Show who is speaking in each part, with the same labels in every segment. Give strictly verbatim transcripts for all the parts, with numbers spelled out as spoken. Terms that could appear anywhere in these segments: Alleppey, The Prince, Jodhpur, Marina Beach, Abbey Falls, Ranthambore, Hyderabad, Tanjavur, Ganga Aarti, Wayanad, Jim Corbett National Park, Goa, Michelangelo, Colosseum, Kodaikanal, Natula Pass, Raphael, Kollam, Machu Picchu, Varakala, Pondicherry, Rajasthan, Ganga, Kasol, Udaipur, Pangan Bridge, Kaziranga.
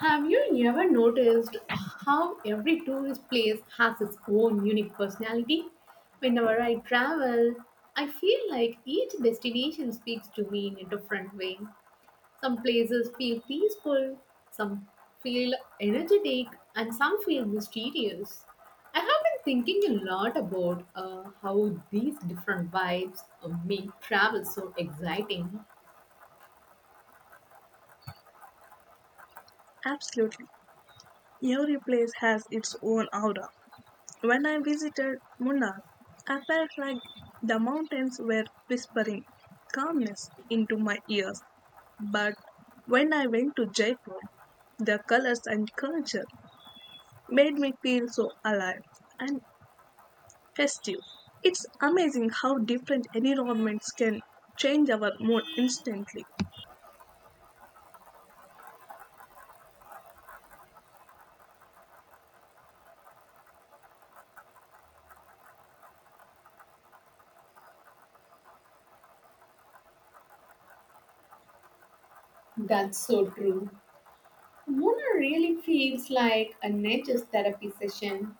Speaker 1: Have you never noticed how every tourist place has its own unique personality? Whenever I travel, I feel like each destination speaks to me in a different way. Some places feel peaceful, some feel energetic, and some feel mysterious. I have been thinking a lot about uh, how these different vibes uh, make travel so exciting.
Speaker 2: Absolutely. Every place has its own aura. When I visited Munnar, I felt like the mountains were whispering calmness into my ears. But when I went to Jaipur, the colors and culture made me feel so alive and festive. It's amazing how different environments can change our mood instantly.
Speaker 1: That's so true. Mona really feels like a nature therapy session.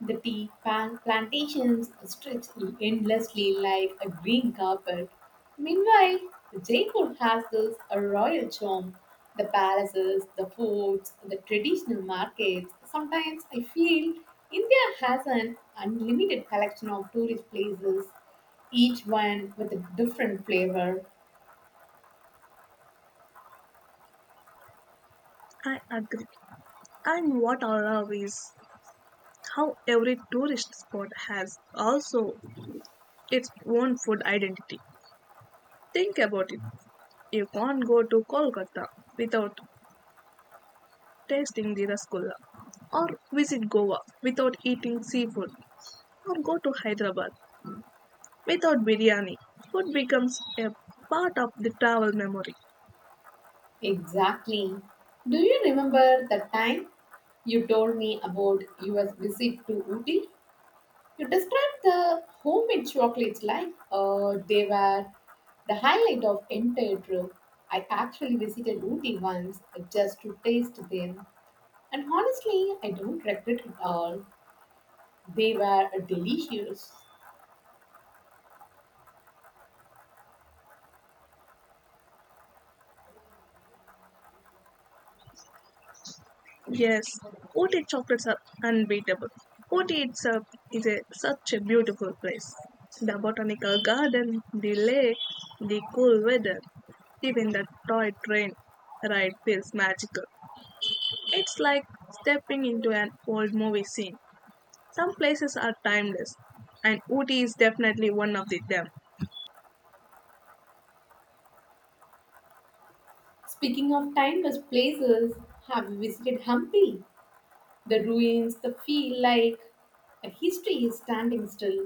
Speaker 1: The tea pan- plantations stretch endlessly like a green carpet. Meanwhile, Jaipur has this a royal charm. The palaces, the forts, the traditional markets. Sometimes I feel India has an unlimited collection of tourist places, each one with a different flavor.
Speaker 2: I agree. And what aura is how every tourist spot has also its own food identity. Think about it. You can't go to Kolkata without tasting the rasgulla, or visit Goa without eating seafood, or go to Hyderabad without biryani. Food becomes a part of the travel memory.
Speaker 1: Exactly. Do you remember the time you told me about your visit to Ooty? You described the homemade chocolates like uh, they were the highlight of entire trip. I actually visited Ooty once just to taste them, and honestly, I don't regret it all. They were delicious.
Speaker 2: Yes, Ooty chocolates are unbeatable. Ooty itself is a, such a beautiful place. The botanical garden, the lake, the cool weather, even the toy train ride feels magical. It's like stepping into an old movie scene. Some places are timeless, and Ooty is definitely one of the, them.
Speaker 1: Speaking of timeless places, have you visited Hampi? The ruins, the feel like a history is standing still.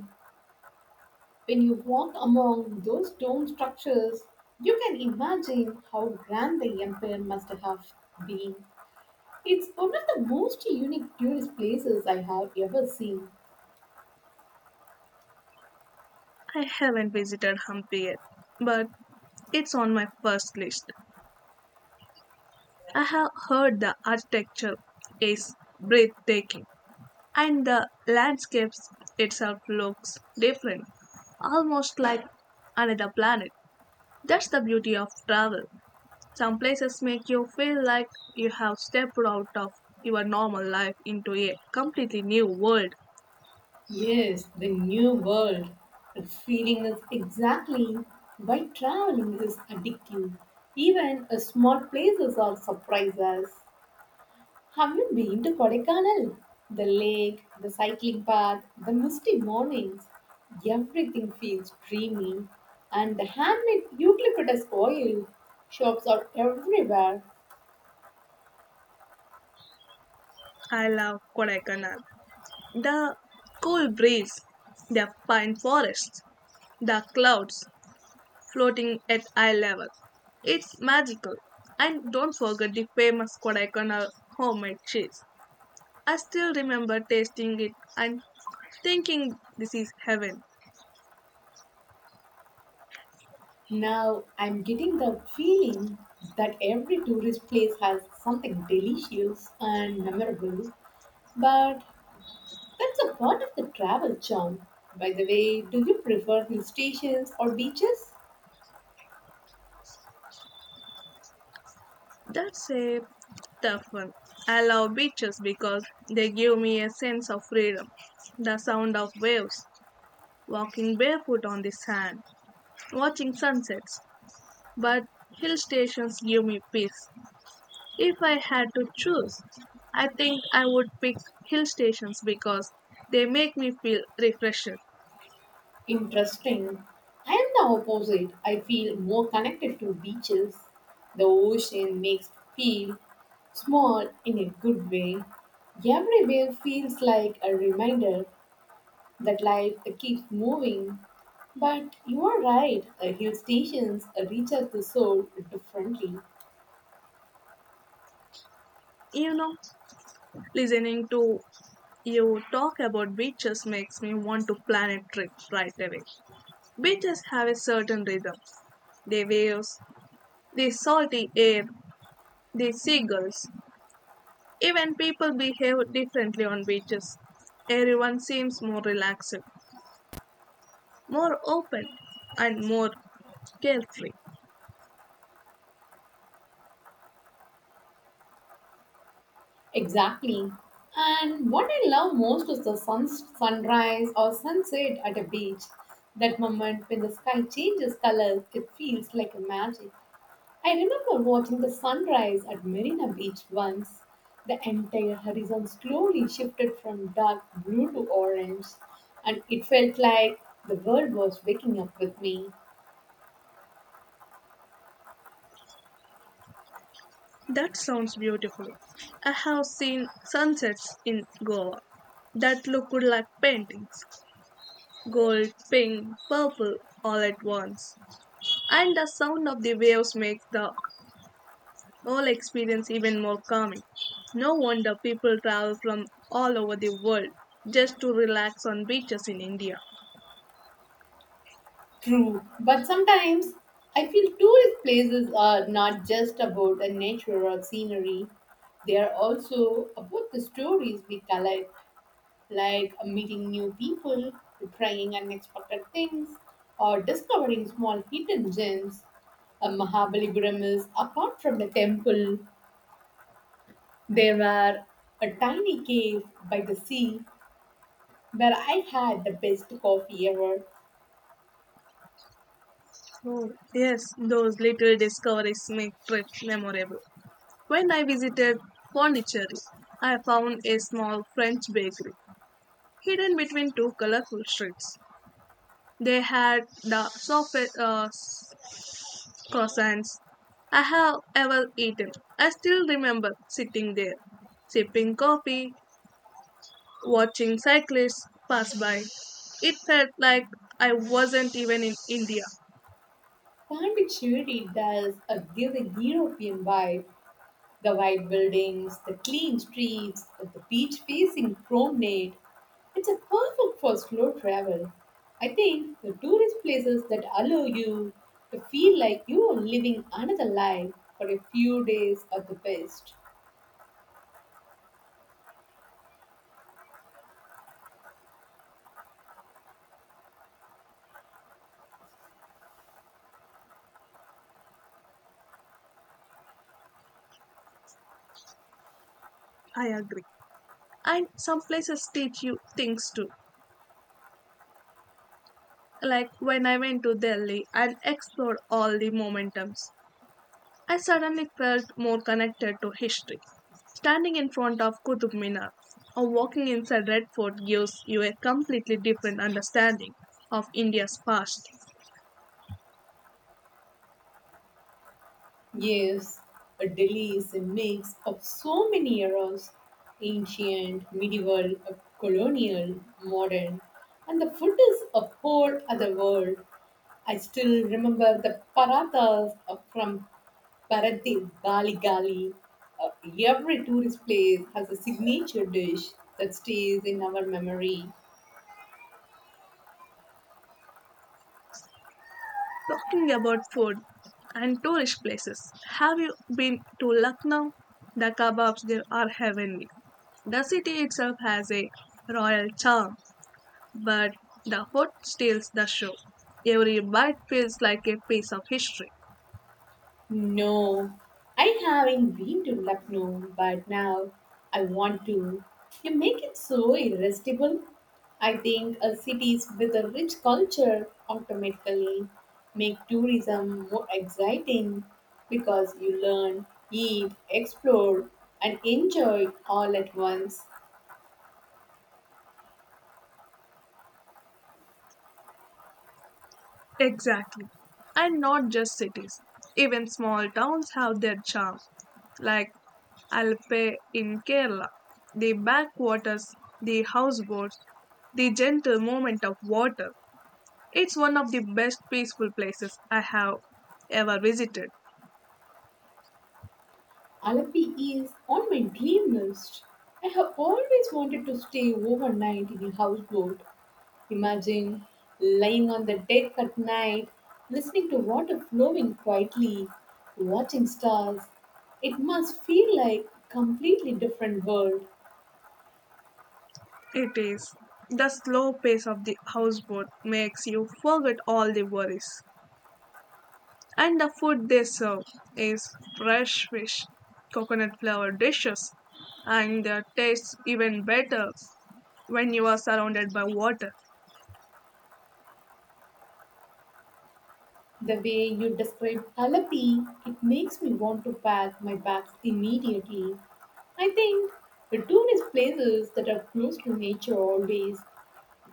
Speaker 1: When you walk among those stone structures, you can imagine how grand the empire must have been. It's one of the most unique tourist places I have ever seen.
Speaker 2: I haven't visited Hampi yet, but it's on my first list. I have heard the architecture is breathtaking and the landscapes itself looks different, almost like another planet. That's the beauty of travel. Some places make you feel like you have stepped out of your normal life into a completely new world.
Speaker 1: Yes, the new world. The feeling is exactly why traveling is addictive. Even uh, small places are surprises. Have you been to Kodaikanal? The lake, the cycling path, the misty mornings, everything feels dreamy, and the handmade eucalyptus oil shops are everywhere.
Speaker 2: I love Kodaikanal. The cool breeze, the pine forests, the clouds, floating at eye level. It's magical. And don't forget the famous Kodaikanal homemade cheese. I still remember tasting it and thinking this is heaven.
Speaker 1: Now I'm getting the feeling that every tourist place has something delicious and memorable, but that's a part of the travel charm. By the way, do you prefer hill stations or beaches?
Speaker 2: That's a tough one. I love beaches because they give me a sense of freedom. The sound of waves, walking barefoot on the sand, watching sunsets. But hill stations give me peace. If I had to choose, I think I would pick hill stations because they make me feel refreshed.
Speaker 1: Interesting. I am the opposite. I feel more connected to beaches. The ocean makes me feel small in a good way. Every wave feels like a reminder that life keeps moving. But you are right, uh, hill stations reach out the soul differently.
Speaker 2: You know, listening to you talk about beaches makes me want to plan a trip right away. Beaches have a certain rhythm. The waves, the salty air, the seagulls. Even people behave differently on beaches. Everyone seems more relaxed, more open, and more carefree.
Speaker 1: Exactly. And what I love most is the sun, sunrise or sunset at a beach. That moment when the sky changes colors, it feels like a magic. I remember watching the sunrise at Marina Beach once. The entire horizon slowly shifted from dark blue to orange, and it felt like the world was waking up with me.
Speaker 2: That sounds beautiful. I have seen sunsets in Goa that look good like paintings gold, pink, purple all at once. And the sound of the waves makes the whole experience even more calming. No wonder people travel from all over the world just to relax on beaches in India.
Speaker 1: True. But sometimes I feel tourist places are not just about the nature or scenery, they are also about the stories we collect, like like, uh, meeting new people, trying unexpected things, or discovering small hidden gems. Uh, Mahabalipuram is, apart from the temple, there were a tiny cave by the sea where I had the best coffee ever.
Speaker 2: Oh, yes, those little discoveries make trips memorable. When I visited Pondicherry, I found a small French bakery hidden between two colorful streets. They had the softest uh, croissants I have ever eaten. I still remember sitting there, sipping coffee, watching cyclists pass by. It felt like I wasn't even in India.
Speaker 1: Pondicherry does a, give a European vibe. The white buildings, the clean streets, the beach facing promenade. It's a perfect for slow travel. I think the tourist places that allow you to feel like you are living another life for a few days are the best.
Speaker 2: I agree. And some places teach you things too. Like when I went to Delhi and explored all the momentums. I suddenly felt more connected to history. Standing in front of Qutub Minar or walking inside Red Fort gives you a completely different understanding of India's past.
Speaker 1: Yes, a Delhi is a mix of so many eras: ancient, medieval, colonial, modern, and the food is a whole other world. I still remember the parathas uh, from Paradip, Gali Gali. Uh, every tourist place has a signature dish that stays in our memory.
Speaker 2: Talking about food and tourist places, have you been to Lucknow? The kebabs there are heavenly. The city itself has a royal charm, but the food steals the show. Every bite feels like a piece of history.
Speaker 1: No, I haven't been to Lucknow, but now I want to. You make it so irresistible. I think uh, cities with a rich culture automatically make tourism more exciting because you learn, eat, explore, and enjoy all at once.
Speaker 2: Exactly. And not just cities. Even small towns have their charm. Like Alpe in Kerala, the backwaters, the houseboats, the gentle movement of water. It's one of the best peaceful places I have ever visited.
Speaker 1: Alleppey is on my dream list. I have always wanted to stay overnight in a houseboat. Imagine lying on the deck at night, listening to water flowing quietly, watching stars. It must feel like a completely different world.
Speaker 2: It is. The slow pace of the houseboat makes you forget all the worries. And the food they serve is fresh fish, coconut flavored dishes, and their taste even better when you are surrounded by water.
Speaker 1: The way you describe Alleppey, it makes me want to pack my bags immediately. I think the tourist places that are close to nature always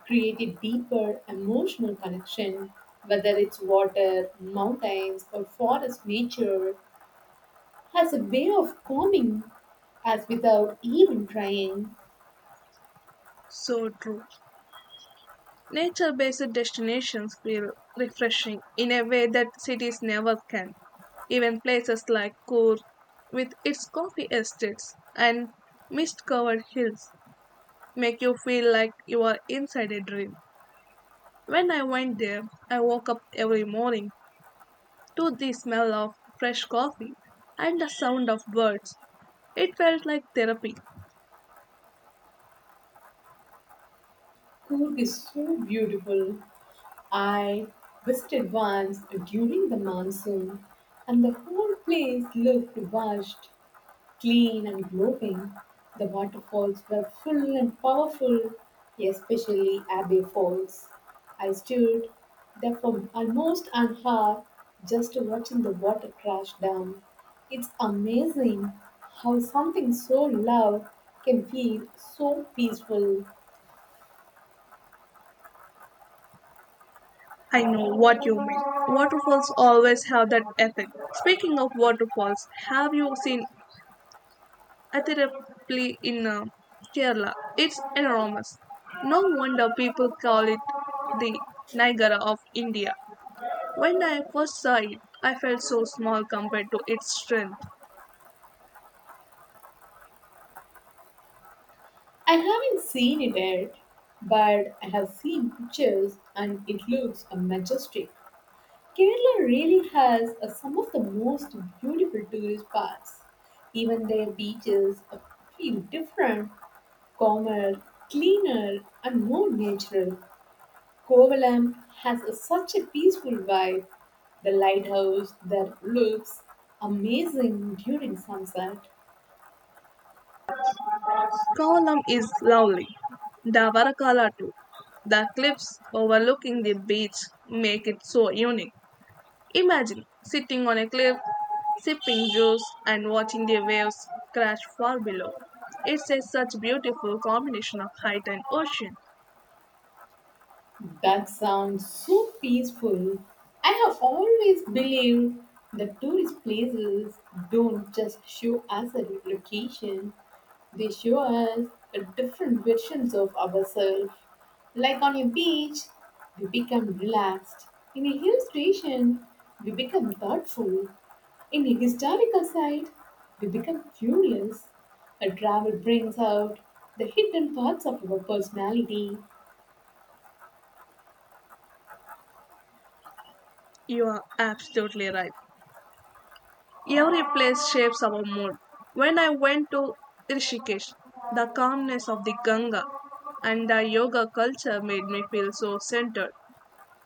Speaker 1: create a deeper emotional connection, whether it's water, mountains, or forest nature, has a way of calming us without even trying.
Speaker 2: So true. Nature based destinations feel refreshing in a way that cities never can. Even places like Coorg, with its coffee estates and mist covered hills, make you feel like you are inside a dream. When I went there, I woke up every morning to the smell of fresh coffee and the sound of birds. It felt like therapy.
Speaker 1: Cool is so beautiful. I visited once during the monsoon, and the whole place looked washed clean and glowing. The waterfalls were full and powerful, especially Abbey Falls. I stood there for almost an hour just watching the water crash down. It's amazing how something so loud can feel so peaceful.
Speaker 2: I know what you mean. Waterfalls always have that effect. Speaking of waterfalls, have you seen Attirapalli in uh, Kerala? It's enormous. No wonder people call it the Niagara of India. When I first saw it, I felt so small compared to its strength.
Speaker 1: I haven't seen it yet, but I have seen pictures and it looks majestic. Kerala really has uh, some of the most beautiful tourist spots. Even their beaches uh, feel different, calmer, cleaner, and more natural. Kovalam has a, such a peaceful vibe. The lighthouse that looks amazing during sunset.
Speaker 2: Kollam is lovely. The Varakala too. The cliffs overlooking the beach make it so unique. Imagine sitting on a cliff, sipping juice, and watching the waves crash far below. It's a such beautiful combination of height and ocean.
Speaker 1: That sounds so peaceful. I have always believed that tourist places don't just show us a location. They show us a different versions of ourselves. Like on a beach, we become relaxed. In a hill station, we become thoughtful. In a historical site, we become curious. A travel brings out the hidden parts of our personality.
Speaker 2: You are absolutely right. Every place shapes our mood. When I went to Rishikesh, the calmness of the Ganga and the yoga culture made me feel so centered.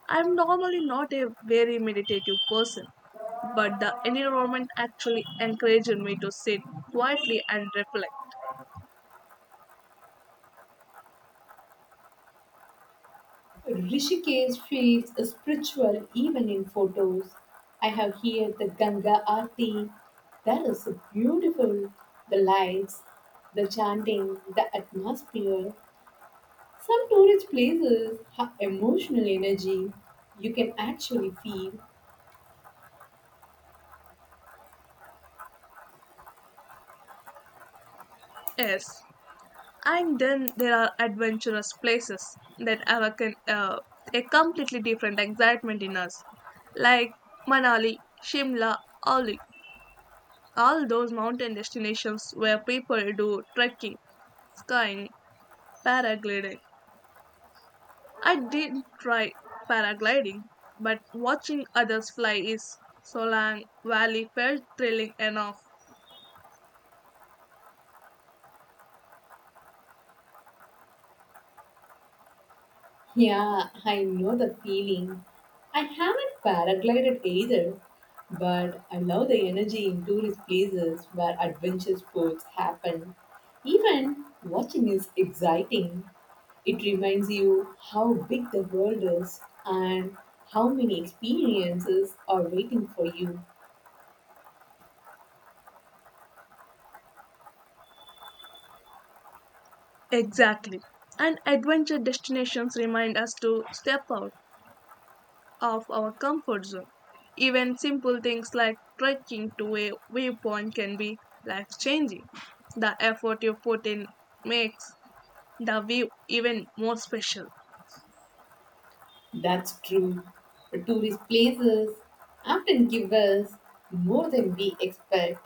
Speaker 2: I'm normally not a very meditative person, but the environment actually encouraged me to sit quietly and reflect.
Speaker 1: Rishikesh feels spiritual even in photos. I have here the Ganga Aarti. That is so beautiful. The lights, the chanting, the atmosphere. Some tourist places have emotional energy you can actually feel.
Speaker 2: Yes, and then there are adventurous places that awaken uh, a completely different excitement in us, like Manali, Shimla, Oli. All those mountain destinations where people do trekking, skiing, paragliding, I did try paragliding, but watching others fly is Solang Valley felt thrilling enough.
Speaker 1: Yeah, I know the feeling. I haven't paraglided either, but I love the energy in tourist places where adventure sports happen. Even watching is exciting. It reminds you how big the world is and how many experiences are waiting for you.
Speaker 2: Exactly. And adventure destinations remind us to step out of our comfort zone. Even simple things like trekking to a viewpoint can be life changing. The effort you put in makes the view even more special.
Speaker 1: That's true. The tourist places often give us more than we expect.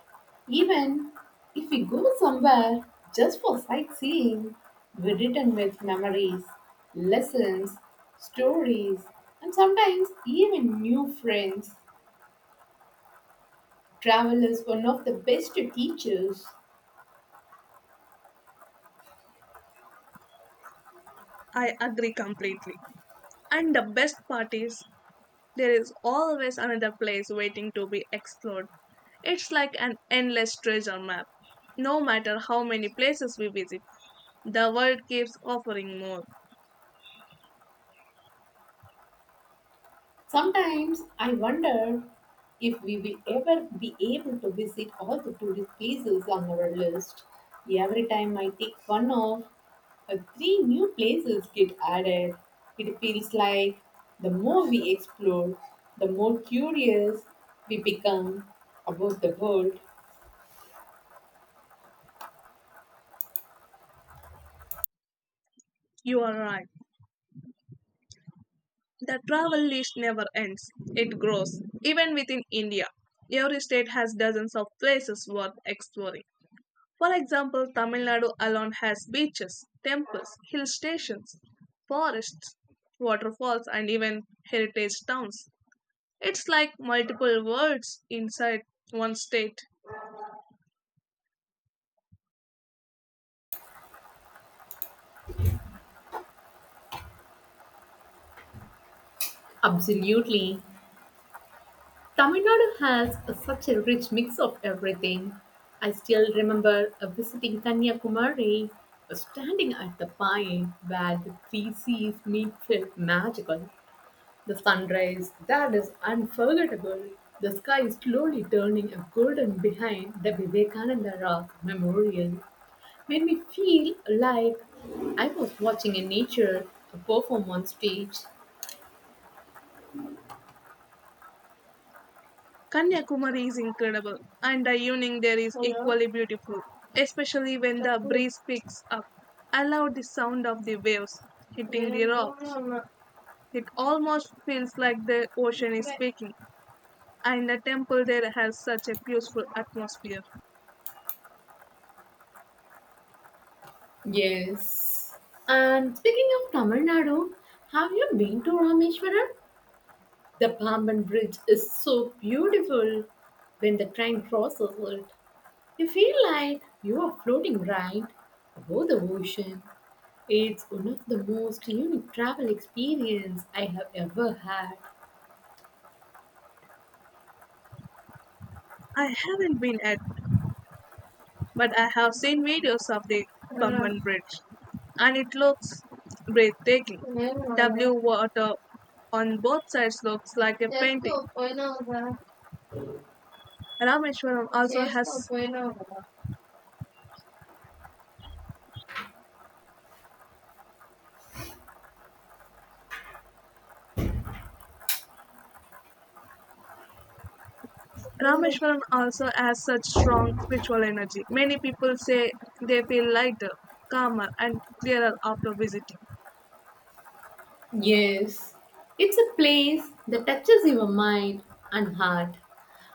Speaker 1: Even if we go somewhere just for sightseeing, we return with memories, lessons, stories, and sometimes even new friends. Travel is one of the best teachers.
Speaker 2: I agree completely. And the best part is there is always another place waiting to be explored. It's like an endless treasure map. No matter how many places we visit, the world keeps offering more.
Speaker 1: Sometimes I wonder if we will ever be able to visit all the tourist places on our list. Every time I take one off, uh, three new places get added. It feels like the more we explore, the more curious we become about the world.
Speaker 2: You are right. The travel list never ends. It grows. Even within India, every state has dozens of places worth exploring. For example, Tamil Nadu alone has beaches, temples, hill stations, forests, waterfalls, and even heritage towns. It's like multiple worlds inside one state.
Speaker 1: Absolutely. Tamil Nadu has a- such a rich mix of everything. I still remember uh, visiting Kanyakumari, uh, standing at the point where the three seas meet felt magical. The sunrise that is unforgettable. The sky slowly turning a golden behind the Vivekananda Rock Memorial. Made me feel like I was watching a nature perform on stage.
Speaker 2: Kanyakumari is incredible, and the evening there is equally beautiful, especially when the breeze picks up. I love the sound of the waves hitting the rocks. It almost feels like the ocean is speaking, and the temple there has such a peaceful atmosphere.
Speaker 1: Yes. And speaking of Tamil Nadu, have you been to Rameshwaram? The Pamban Bridge is so beautiful. When the train crosses it, you feel like you are floating right above the ocean. It's one of the most unique travel experience I have ever had.
Speaker 2: I haven't been at but I have seen videos of the Pangan Bridge, and it looks breathtaking. W water on both sides looks like a painting. Rameshwaram also has Rameshwaram also has such strong spiritual energy. Many people say they feel lighter, calmer, and clearer after visiting.
Speaker 1: Yes. It's a place that touches your mind and heart.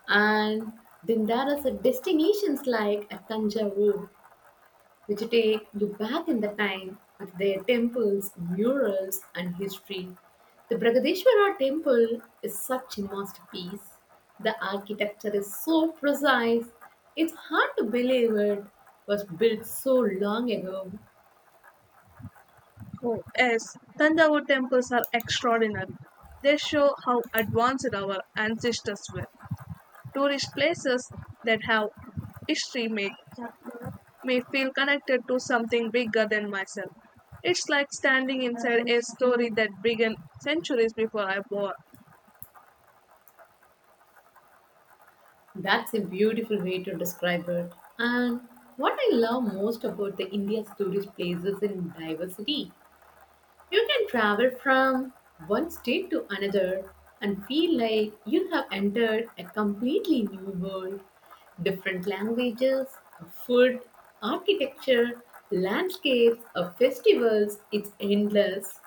Speaker 1: And then there is a destinations like a Tanjavur which take you back in the time with their temples, murals, and history. The Bragadeshwara temple is such a masterpiece. The architecture is so precise, it's hard to believe it was built so long ago.
Speaker 2: Oh, yes, Thanjavur temples are extraordinary. They show how advanced our ancestors were. Tourist places that have history make me feel connected to something bigger than myself. It's like standing inside a story that began centuries before I was born.
Speaker 1: That's a beautiful way to describe it. And what I love most about the India's tourist places in diversity. You can travel from one state to another and feel like you have entered a completely new world. Different languages, food, architecture, landscapes, uh, festivals, it's endless.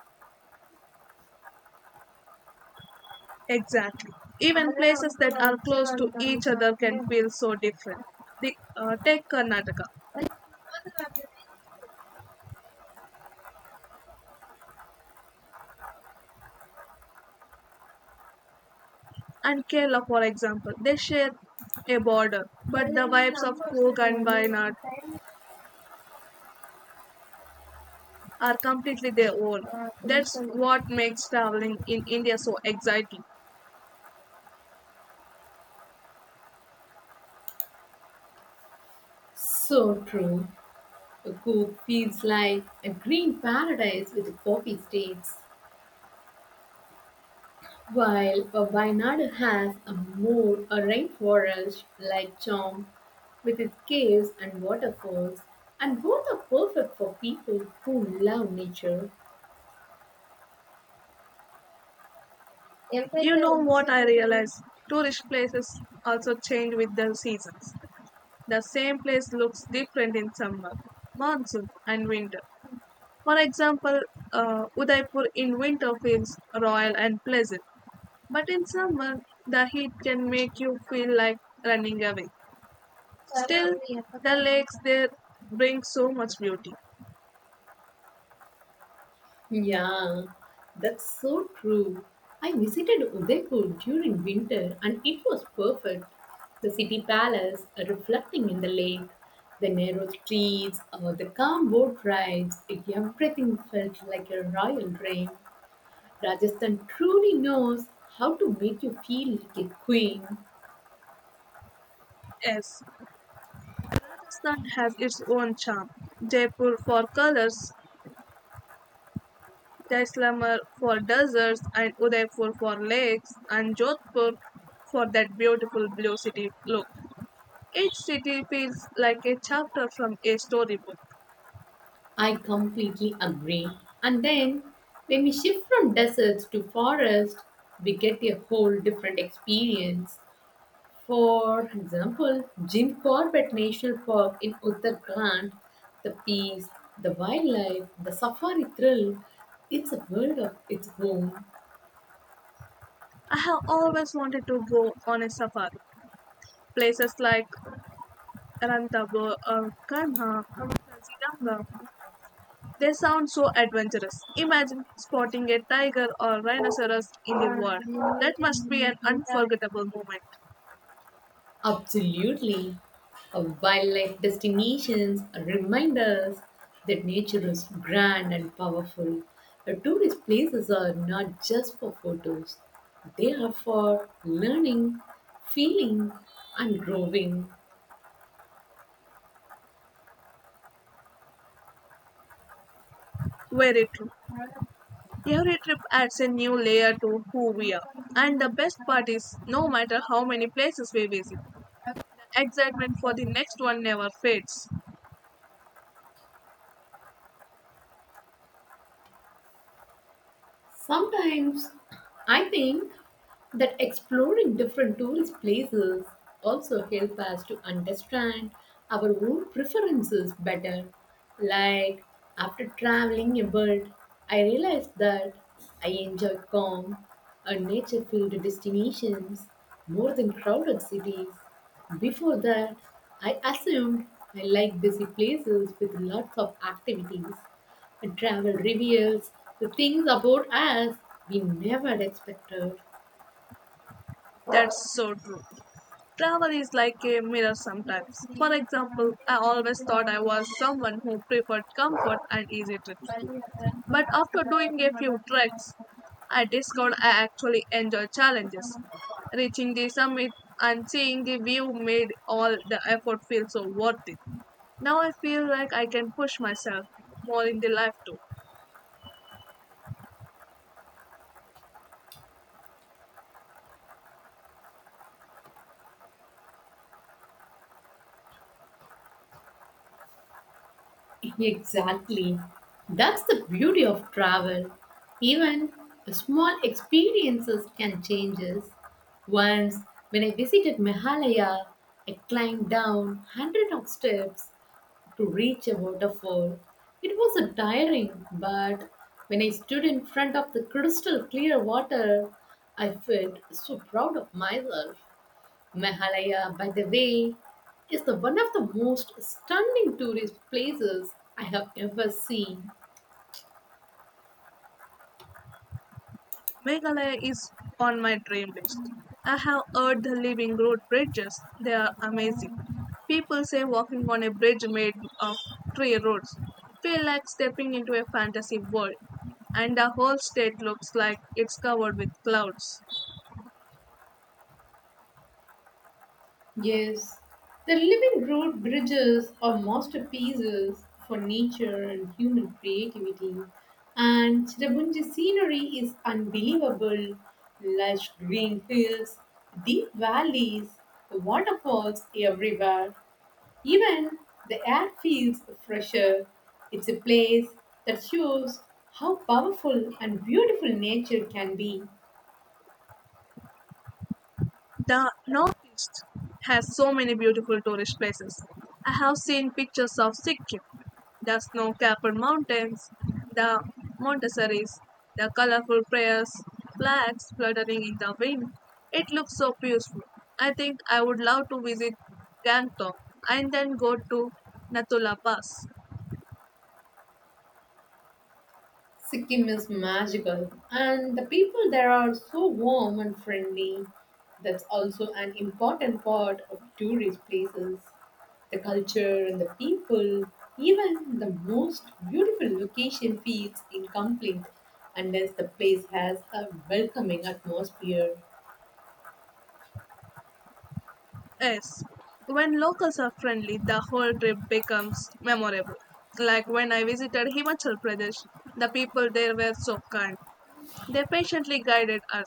Speaker 2: Exactly. Even places that are close to each other can feel so different. The, uh, take Karnataka and Kerala, for example. They share a border, but the vibes of Coorg and Wayanad are completely their own. That's what makes traveling in India so exciting.
Speaker 1: So true. Cook feels like a green paradise with coffee states. While uh, Wayanad has a more a rainforest like charm with its caves and waterfalls, and both are perfect for people who love nature.
Speaker 2: You know what I realized? Tourist places also change with the seasons. The same place looks different in summer, monsoon, and winter. For example, uh, Udaipur in winter feels royal and pleasant, but in summer, the heat can make you feel like running away. Still, the lakes there bring so much beauty.
Speaker 1: Yeah, that's so true. I visited Udaipur during winter and it was perfect. The city palace uh, reflecting in the lake, the narrow streets, uh, the calm boat rides, everything felt like a royal dream. Rajasthan truly knows how to make you feel like a queen.
Speaker 2: Yes, Rajasthan has its own charm. Jaipur for colors, Jaisalmer for deserts, and Udaipur for lakes, and Jodhpur for that beautiful blue city look. Each city feels like a chapter from a storybook.
Speaker 1: I completely agree. And then, when we shift from deserts to forest, we get a whole different experience. For example, Jim Corbett National Park in Uttarakhand, the peace, the wildlife, the safari thrill, it's a world of its own.
Speaker 2: I have always wanted to go on a safari. Places like Ranthambore or Kanha, or Kaziranga, they sound so adventurous. Imagine spotting a tiger or rhinoceros in the wild. That must be an unforgettable moment.
Speaker 1: Absolutely. Our wildlife destinations remind us that nature is grand and powerful. Our tourist places are not just for photos, they are for learning, feeling, and growing.
Speaker 2: Very true. Every trip adds a new layer to who we are. And the best part is, no matter how many places we visit, the excitement for the next one never fades.
Speaker 1: Sometimes I think that exploring different tourist places also help us to understand our own preferences better. Like after traveling a bit, I realized that I enjoy calm and nature-filled destinations more than crowded cities. Before that, I assumed I like busy places with lots of activities and travel reveals the things about us we never expected.
Speaker 2: That's so true. Travel is like a mirror sometimes. For example, I always thought I was someone who preferred comfort and easy trips. But after doing a few treks, I discovered I actually enjoy challenges. Reaching the summit and seeing the view made all the effort feel so worth it. Now I feel like I can push myself more in the life too.
Speaker 1: Exactly. That's the beauty of travel. Even the small experiences can change us. Once, when I visited Meghalaya, I climbed down hundreds of steps to reach a waterfall. It was a tiring, but when I stood in front of the crystal clear water, I felt so proud of myself. Meghalaya, by the way, is the one of the most stunning tourist places I have ever seen.
Speaker 2: Meghalaya is on my dream list. I have heard the living road bridges, they are amazing. People say walking on a bridge made of three roads feel like stepping into a fantasy world, and the whole state looks like it's covered with clouds.
Speaker 1: Yes, the living road bridges are masterpieces for nature and human creativity. And Chirabunji scenery is unbelievable. Lush green hills, deep valleys, waterfalls everywhere. Even the air feels fresher. It's a place that shows how powerful and beautiful nature can be.
Speaker 2: The northeast has so many beautiful tourist places. I have seen pictures of Sikkim, the snow-capped mountains, the Montessaris, the colorful prayers, flags fluttering in the wind. It looks so peaceful. I think I would love to visit Gangtok and then go to Natula Pass.
Speaker 1: Sikkim is magical, and the people there are so warm and friendly. That's also an important part of tourist places. The culture and the people, even the most beautiful location feels incomplete unless the place has a welcoming atmosphere.
Speaker 2: Yes, when locals are friendly, the whole trip becomes memorable. Like when I visited Himachal Pradesh, the people there were so kind. They patiently guided us,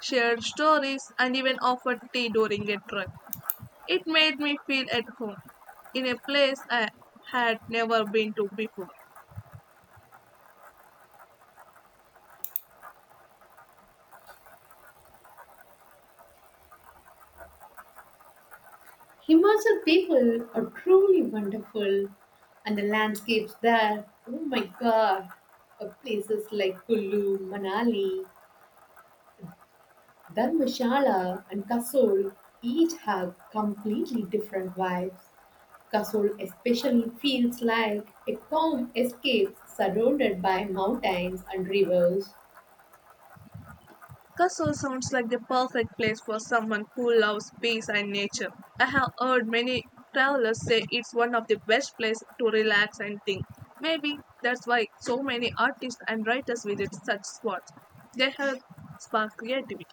Speaker 2: shared stories, and even offered tea during a trip. It made me feel at home in a place I had never been to before.
Speaker 1: Himachal people are truly wonderful, and the landscapes there, oh my god. Uh, places like Kullu, Manali, Dharmshala, and Kasol each have completely different vibes. Kasol especially feels like a calm escape surrounded by mountains and rivers.
Speaker 2: Castle sounds like the perfect place for someone who loves peace and nature. I have heard many travelers say it's one of the best places to relax and think. Maybe that's why so many artists and writers visit such spots. They help spark creativity.